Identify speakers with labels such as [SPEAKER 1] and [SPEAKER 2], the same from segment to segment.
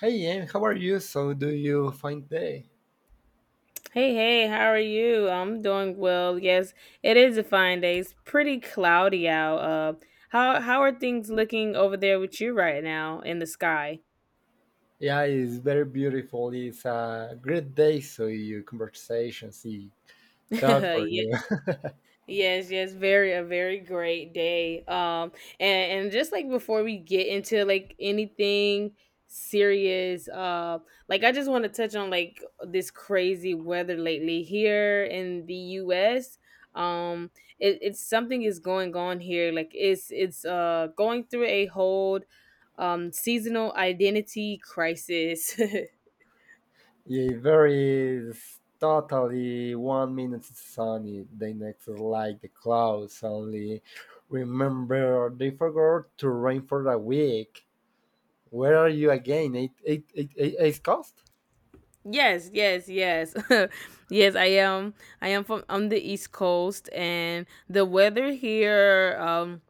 [SPEAKER 1] Hey Em, how are you? So do you find day?
[SPEAKER 2] Hey, hey, how are you? I'm doing well. Yes, it is a fine day. It's pretty cloudy out. How are things looking over there with you right now in the sky?
[SPEAKER 1] Yeah, it's very beautiful. It's a great day. So your conversation, see that for
[SPEAKER 2] Yeah.
[SPEAKER 1] you.
[SPEAKER 2] Yes, yes, very a very great day. And just like before we get into like anything serious, like I just want to touch on like this crazy weather lately here in the U.S. Um, it's something is going on here. Like it's going through a whole seasonal identity crisis.
[SPEAKER 1] yeah, very It's totally 1 minute it's sunny, the next is like the clouds. Only remember they forgot to rain for a week. Where are you again? It's cost
[SPEAKER 2] Yes, yes, yes. Yes, I am. I am from on the East Coast, and the weather here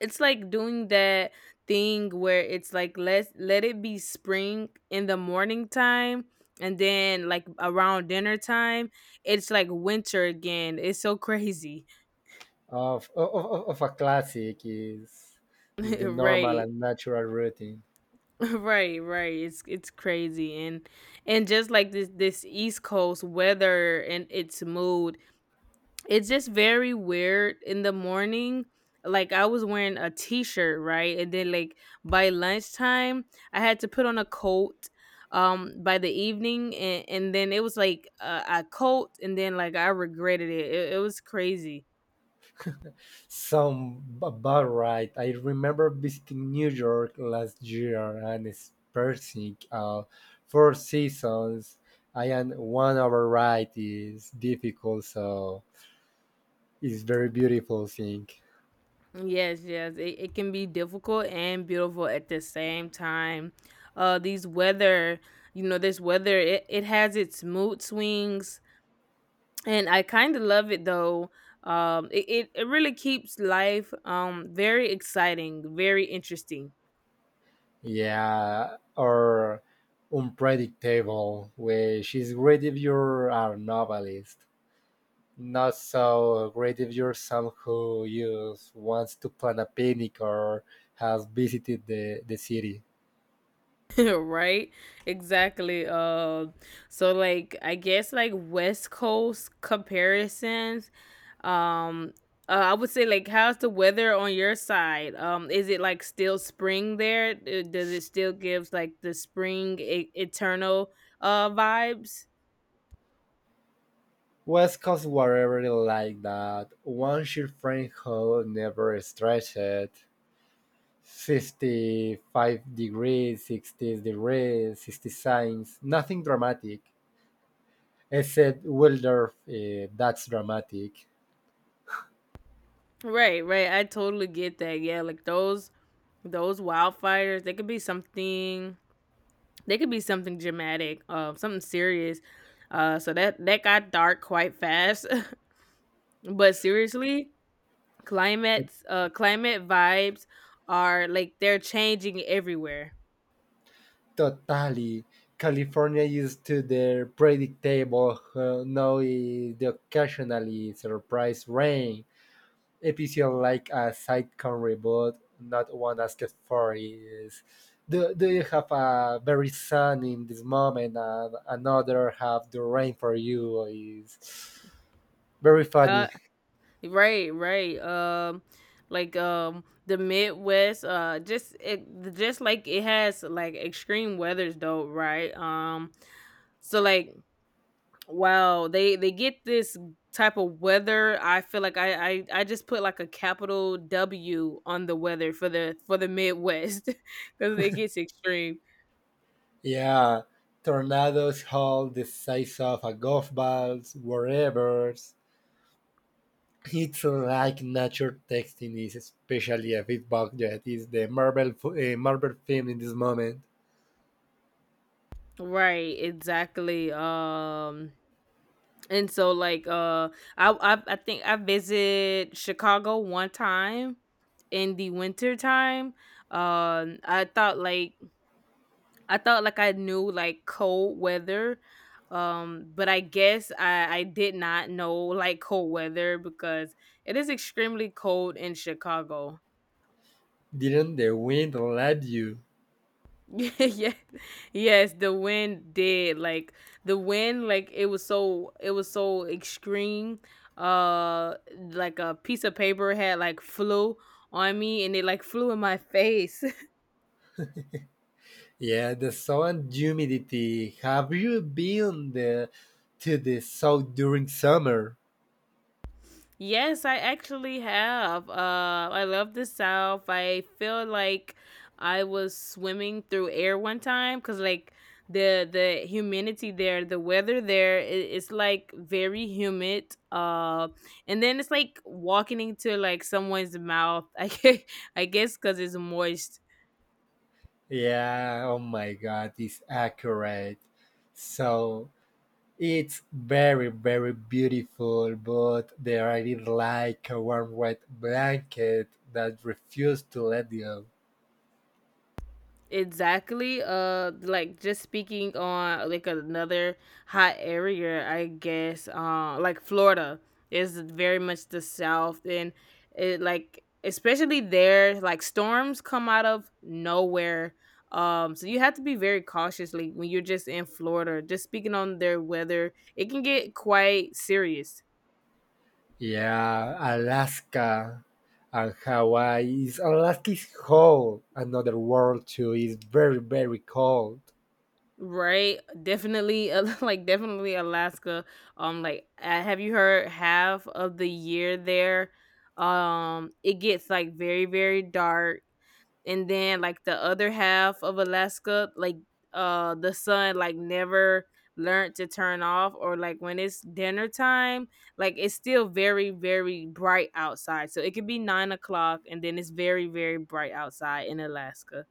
[SPEAKER 2] it's like doing that thing where it's like let it be spring in the morning time, and then like around dinner time it's like winter again. It's so crazy.
[SPEAKER 1] of a classic is the normal
[SPEAKER 2] Right.
[SPEAKER 1] and natural routine.
[SPEAKER 2] Right, right. It's crazy, and just like this East Coast weather and its mood, it's just very weird in the morning. Like I was wearing a t-shirt, right? And then like by lunchtime, I had to put on a coat by the evening, and then it was like a coat, and then like I regretted it. It was crazy.
[SPEAKER 1] Some about right. I remember visiting New York last year and experiencing four seasons. I and one override is difficult, so it's very beautiful thing.
[SPEAKER 2] Yes, yes. It can be difficult and beautiful at the same time. Uh, these weather, you know, this weather it has its mood swings, and I kind of love it though. It really keeps life very exciting, very interesting.
[SPEAKER 1] Yeah, or unpredictable, which is great if you're a novelist. Not so great if you're someone who you wants to plan a picnic or has visited the city.
[SPEAKER 2] Right? Exactly. So like I guess like West Coast comparisons. Um, I would say like how's the weather on your side? Is it like still spring there? Does it still give like the spring eternal vibes?
[SPEAKER 1] West Coast were really like that. One sheer frame hole never stretched. 65 degrees, 60 degrees, 60 signs, nothing dramatic. Except Wildorf, that's dramatic.
[SPEAKER 2] Right, right. I totally get that. Yeah, like those wildfires, they could be something, dramatic, something serious. Uh, so that that got dark quite fast. But seriously,
[SPEAKER 1] To-
[SPEAKER 2] climate vibes are like they're changing everywhere.
[SPEAKER 1] Totally. California used to their predictable, now is the occasionally surprise rain episode like a sitcom reboot, not one asked for is do, do you have a very sun in this moment and another have the rain for you is very
[SPEAKER 2] Uh
[SPEAKER 1] funny.
[SPEAKER 2] right, right. Like the Midwest just it just like it has like extreme weathers though, right? Um, so like wow, they get this type of weather. I feel like I just put like a capital W on the weather for the Midwest because it gets extreme.
[SPEAKER 1] Yeah. Tornadoes hold the size of a golf balls, wherever. It's like nature texting is especially a feedback that is the Marvel, Marvel film in this moment.
[SPEAKER 2] Right, exactly. And so like I think I visit Chicago one time in the winter time. Um, I thought like I thought like I knew like cold weather, but I guess I did not know like cold weather because it is extremely cold in Chicago.
[SPEAKER 1] Didn't the wind let you?
[SPEAKER 2] Yeah, yes, the wind did like the wind like it was it was so extreme. Uh, like a piece of paper had like flew on me, and it like flew in my face.
[SPEAKER 1] Yeah, the sun humidity. Have you been the to the south during summer?
[SPEAKER 2] Yes, I actually have. I love the South. I feel like I was swimming through air one time because, like, the humidity there, the weather there, it's like very humid. And then it's like walking into like someone's mouth. I guess because it's moist.
[SPEAKER 1] Yeah, oh my god, it's accurate. So it's very beautiful, but there I did like a warm wet blanket that refused to let go.
[SPEAKER 2] Exactly. Like just speaking on like another hot area, I guess. Like Florida is very much the South, and it like especially there, like storms come out of nowhere. So you have to be very cautious, like when you're just in Florida. Just speaking on their weather, it can get quite serious.
[SPEAKER 1] Yeah, Alaska and Hawaii is Alaska is cold. Another world too is very cold.
[SPEAKER 2] Right, definitely, like definitely Alaska. Like have you heard half of the year there? It gets like very very dark, and then like the other half of Alaska, like the sun like never learned to turn off, or like when it's dinner time, like it's still very very bright outside. So it could be 9 o'clock, and then it's very very bright outside in Alaska.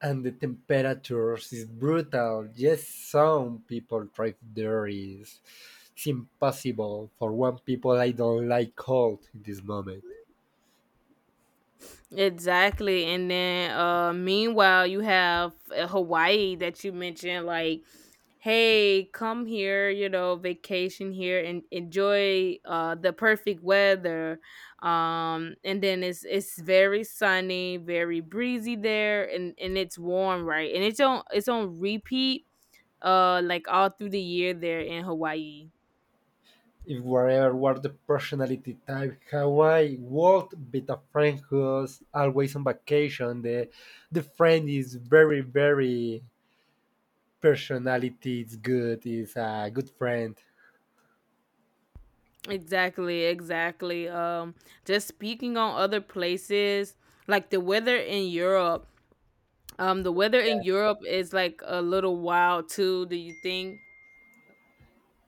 [SPEAKER 1] And the temperatures is brutal. Yes, some people thrive there is it's impossible. For one people I don't like cold in this moment.
[SPEAKER 2] Exactly. And then meanwhile you have Hawaii that you mentioned, like hey, come here, you know, vacation here and enjoy the perfect weather. Um, and then it's very sunny, very breezy there, and it's warm, right? And it's on repeat like all through the year there in Hawaii.
[SPEAKER 1] If wherever were the personality type, Hawaii, world beta friend who's always on vacation, the friend is very personality is good, is a good friend.
[SPEAKER 2] Exactly, exactly. Just speaking on other places, like the weather in Europe. The weather in Europe is like a little wild too. Do you think?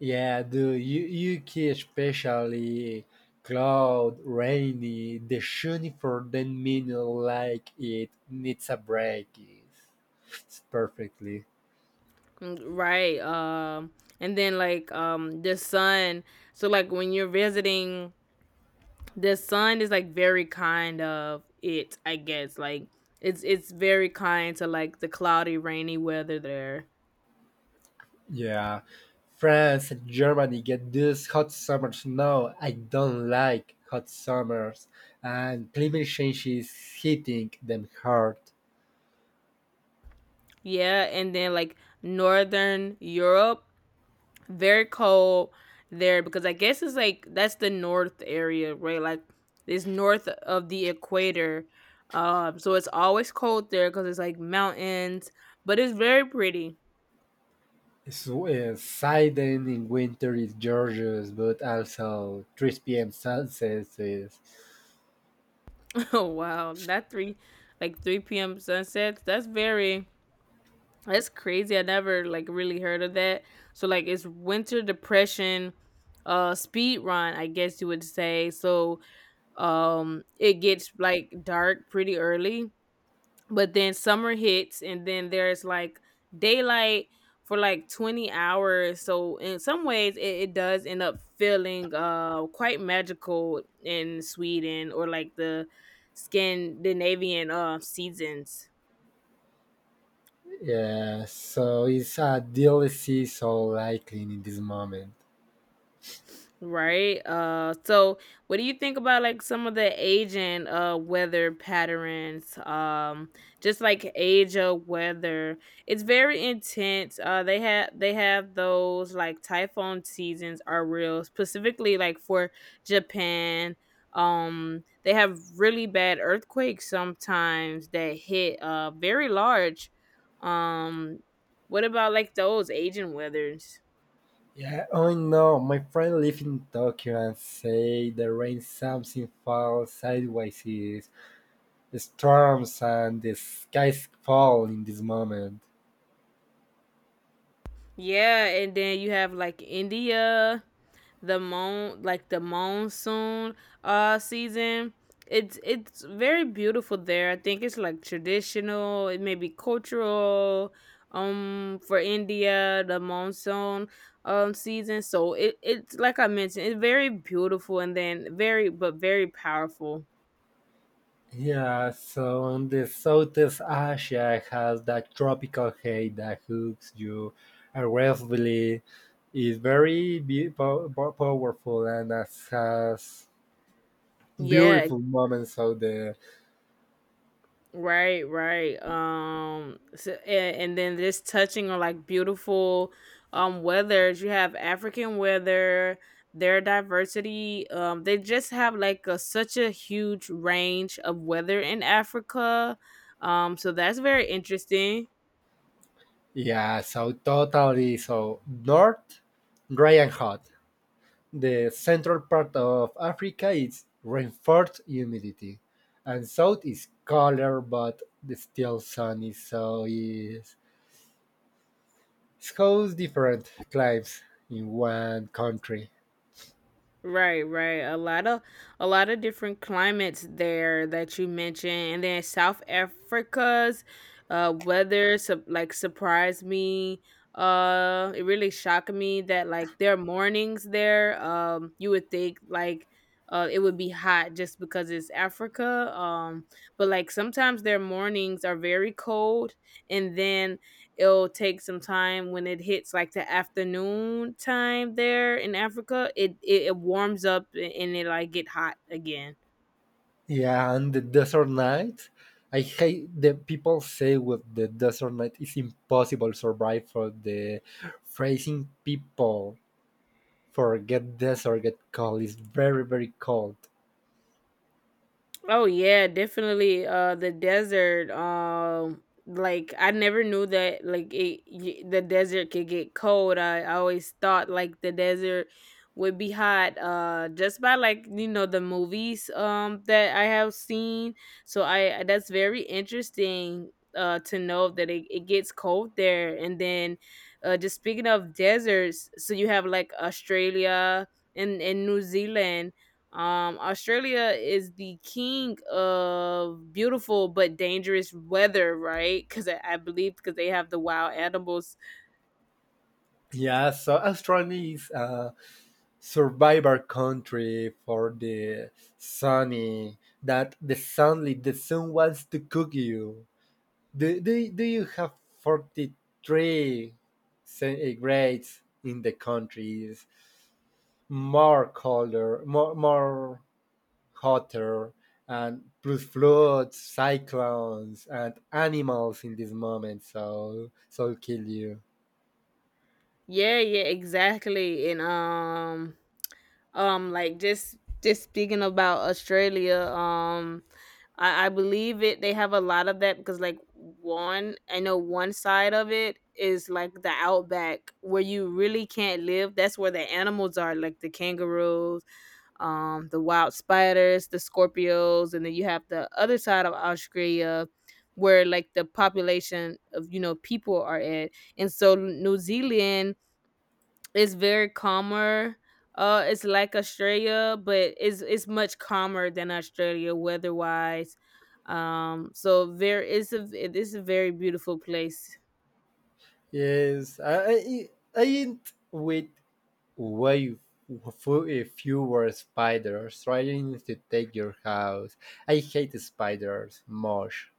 [SPEAKER 1] Yeah, the you UK especially cloud, rainy, the shooting for 10 minutes like it needs a break it's perfectly.
[SPEAKER 2] Mm, right. And then like the sun. So like when you're visiting, the sun is like very kind of it. I guess like it's very kind to like the cloudy, rainy weather there.
[SPEAKER 1] Yeah. France and Germany get this hot summers. No, I don't like hot summers. And climate change is hitting them hard.
[SPEAKER 2] Yeah, and then like northern Europe, very cold there, because I guess it's like that's the north area, right? Like it's north of the equator. So it's always cold there because it's like mountains, but it's very pretty.
[SPEAKER 1] So, Sidon in winter is gorgeous, but also 3 p.m. sunsets is
[SPEAKER 2] Oh wow, that three like 3 p.m. sunsets, that's crazy. I never like really heard of that. So like it's winter depression speed run, I guess you would say. So it gets like dark pretty early, but then summer hits, and then there's like daylight for like 20 hours. So in some ways it does end up feeling quite magical in Sweden or like the Scandinavian seasons.
[SPEAKER 1] yeah, so it's a DLC so likely in this moment.
[SPEAKER 2] Right. So what do you think about like some of the aging weather patterns? Um, just like age of weather. It's very intense. Uh, they have those like typhoon seasons are real, specifically like for Japan. Um, they have really bad earthquakes sometimes that hit very large. Um what about like those aging weathers?
[SPEAKER 1] Yeah, oh no, my friend live in Tokyo and say the rain something falls sideways is the storms and the skies fall in this moment.
[SPEAKER 2] Yeah, and then you have like India, the monsoon season. It's very beautiful there. I think it's like traditional, it may be cultural for India, the monsoon season. So it's like I mentioned, it's very beautiful and then very powerful.
[SPEAKER 1] Yeah, so on the Southeast Asia has that tropical heat that hooks you aggressively. It's very be- po- po- powerful and has
[SPEAKER 2] Yeah,
[SPEAKER 1] beautiful moments of the
[SPEAKER 2] right, right. So, and then just touching on like beautiful weathers. You have African weather, their diversity. They just have like such a huge range of weather in Africa. So that's very interesting.
[SPEAKER 1] yeah, so totally. So north, dry and hot. The central part of Africa is reinforced humidity, and south is colder but still sunny. So it's shows different climes in one country.
[SPEAKER 2] Right, right. A lot of different climates there that you mentioned, and then South Africa's weather sup like surprised me. It really shocked me that like their mornings there, you would think like it would be hot just because it's Africa. But like sometimes their mornings are very cold, and then it'll take some time when it hits like the afternoon time there in Africa. It warms up, and it like get hot again.
[SPEAKER 1] Yeah, and the desert night. I hate the people say with the desert night it's impossible survive for the freezing people for Get This or Get Cold is very, very cold.
[SPEAKER 2] Oh yeah, definitely. The desert. Like I never knew that like the desert could get cold. I always thought like the desert would be hot. Just by like you know the movies that I have seen. So I, that's very interesting. To know that it gets cold there, and then, just speaking of deserts, so you have like Australia and New Zealand, Australia is the king of beautiful but dangerous weather, right? Because I believe because they have the wild animals.
[SPEAKER 1] Yeah, so Australia is a survivor country for the sunny that the sun wants to cook you. Do you have 43 centigrades in the country? Is more colder, more hotter and plus floods, cyclones, and animals in this moment. So, kill you.
[SPEAKER 2] Yeah, yeah, exactly. And like just speaking about Australia, I believe it. They have a lot of that because like one, I know one side of it is like the outback where you really can't live. That's where the animals are, like the kangaroos, the wild spiders, the scorpions, and then you have the other side of Australia where like the population of you know people are at, and so New Zealand is very calmer. It's like Australia, but it's much calmer than Australia weather wise. So there is a it is a very beautiful place.
[SPEAKER 1] Yes, I ain't with way fewer spiders trying to take your house. I hate spiders, much.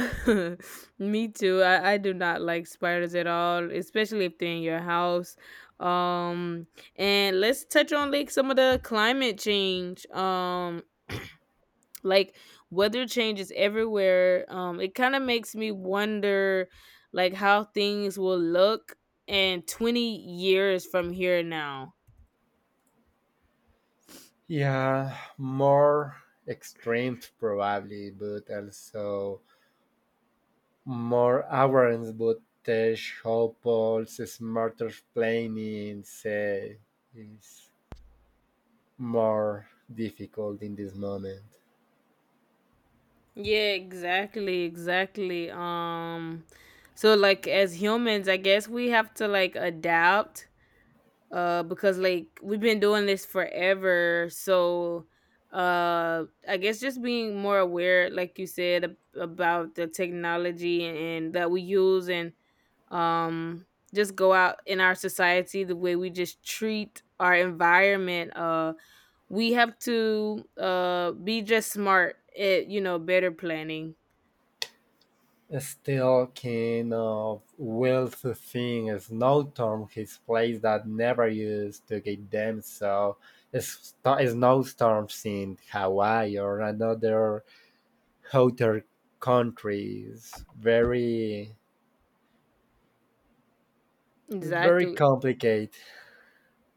[SPEAKER 2] Me too. I do not like spiders at all, especially if they're in your house. Um, and let's touch on like some of the climate change. Like weather changes everywhere. It kind of makes me wonder like how things will look in 20 years from here now.
[SPEAKER 1] Yeah, more extremes probably, but also more awareness would show Paul's smarter planning say, is more difficult in this moment.
[SPEAKER 2] Yeah, exactly, exactly. So like as humans, I guess we have to like adapt because like we've been doing this forever, so I guess just being more aware like you said about the technology and that we use, and um just go out in our society, the way we just treat our environment, we have to be just smart at you know better planning.
[SPEAKER 1] Still, kind of wealth thing is no term his place that never used to get them so it's no storms in Hawaii or another hotter countries. Very, very
[SPEAKER 2] Exactly.
[SPEAKER 1] complicated.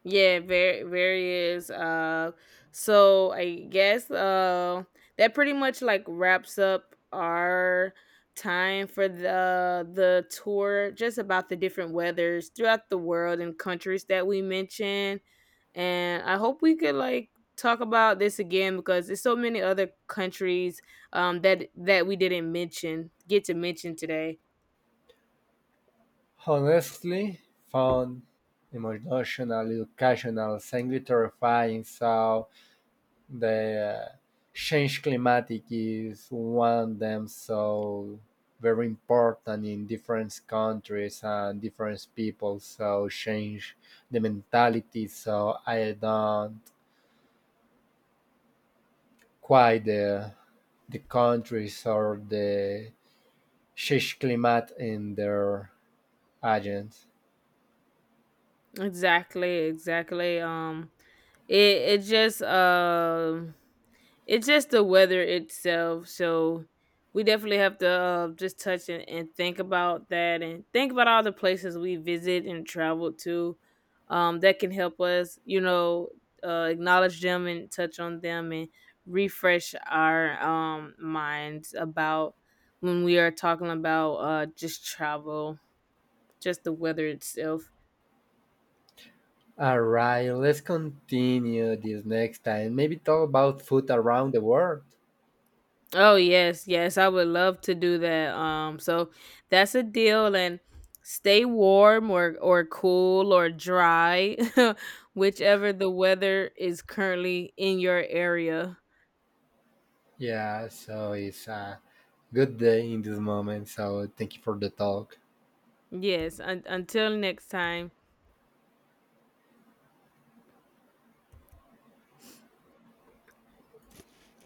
[SPEAKER 2] Yeah, very various. So I guess that pretty much like wraps up our time for the tour, just about the different weathers throughout the world and countries that we mentioned. And I hope we could like talk about this again because there's so many other countries that we didn't mention get to mention today.
[SPEAKER 1] Honestly, fun, emotional, educational, slightly terrifying. So the change climatic is one of them. So very important in different countries and different people. So change the mentality. So I don't quite the countries or the change climate in their agents.
[SPEAKER 2] Exactly, exactly. It just. It's just the weather itself. So we definitely have to just touch and think about that, and think about all the places we visit and travel to, that can help us, you know, acknowledge them and touch on them and refresh our minds about when we are talking about just travel, just the weather itself.
[SPEAKER 1] All right, let's continue this next time. Maybe talk about food around the world.
[SPEAKER 2] Oh yes, yes, I would love to do that. So that's a deal, and stay warm or cool or dry, whichever the weather is currently in your area.
[SPEAKER 1] Yeah, so it's a good day in this moment. So thank you for the talk.
[SPEAKER 2] Yes, until next time.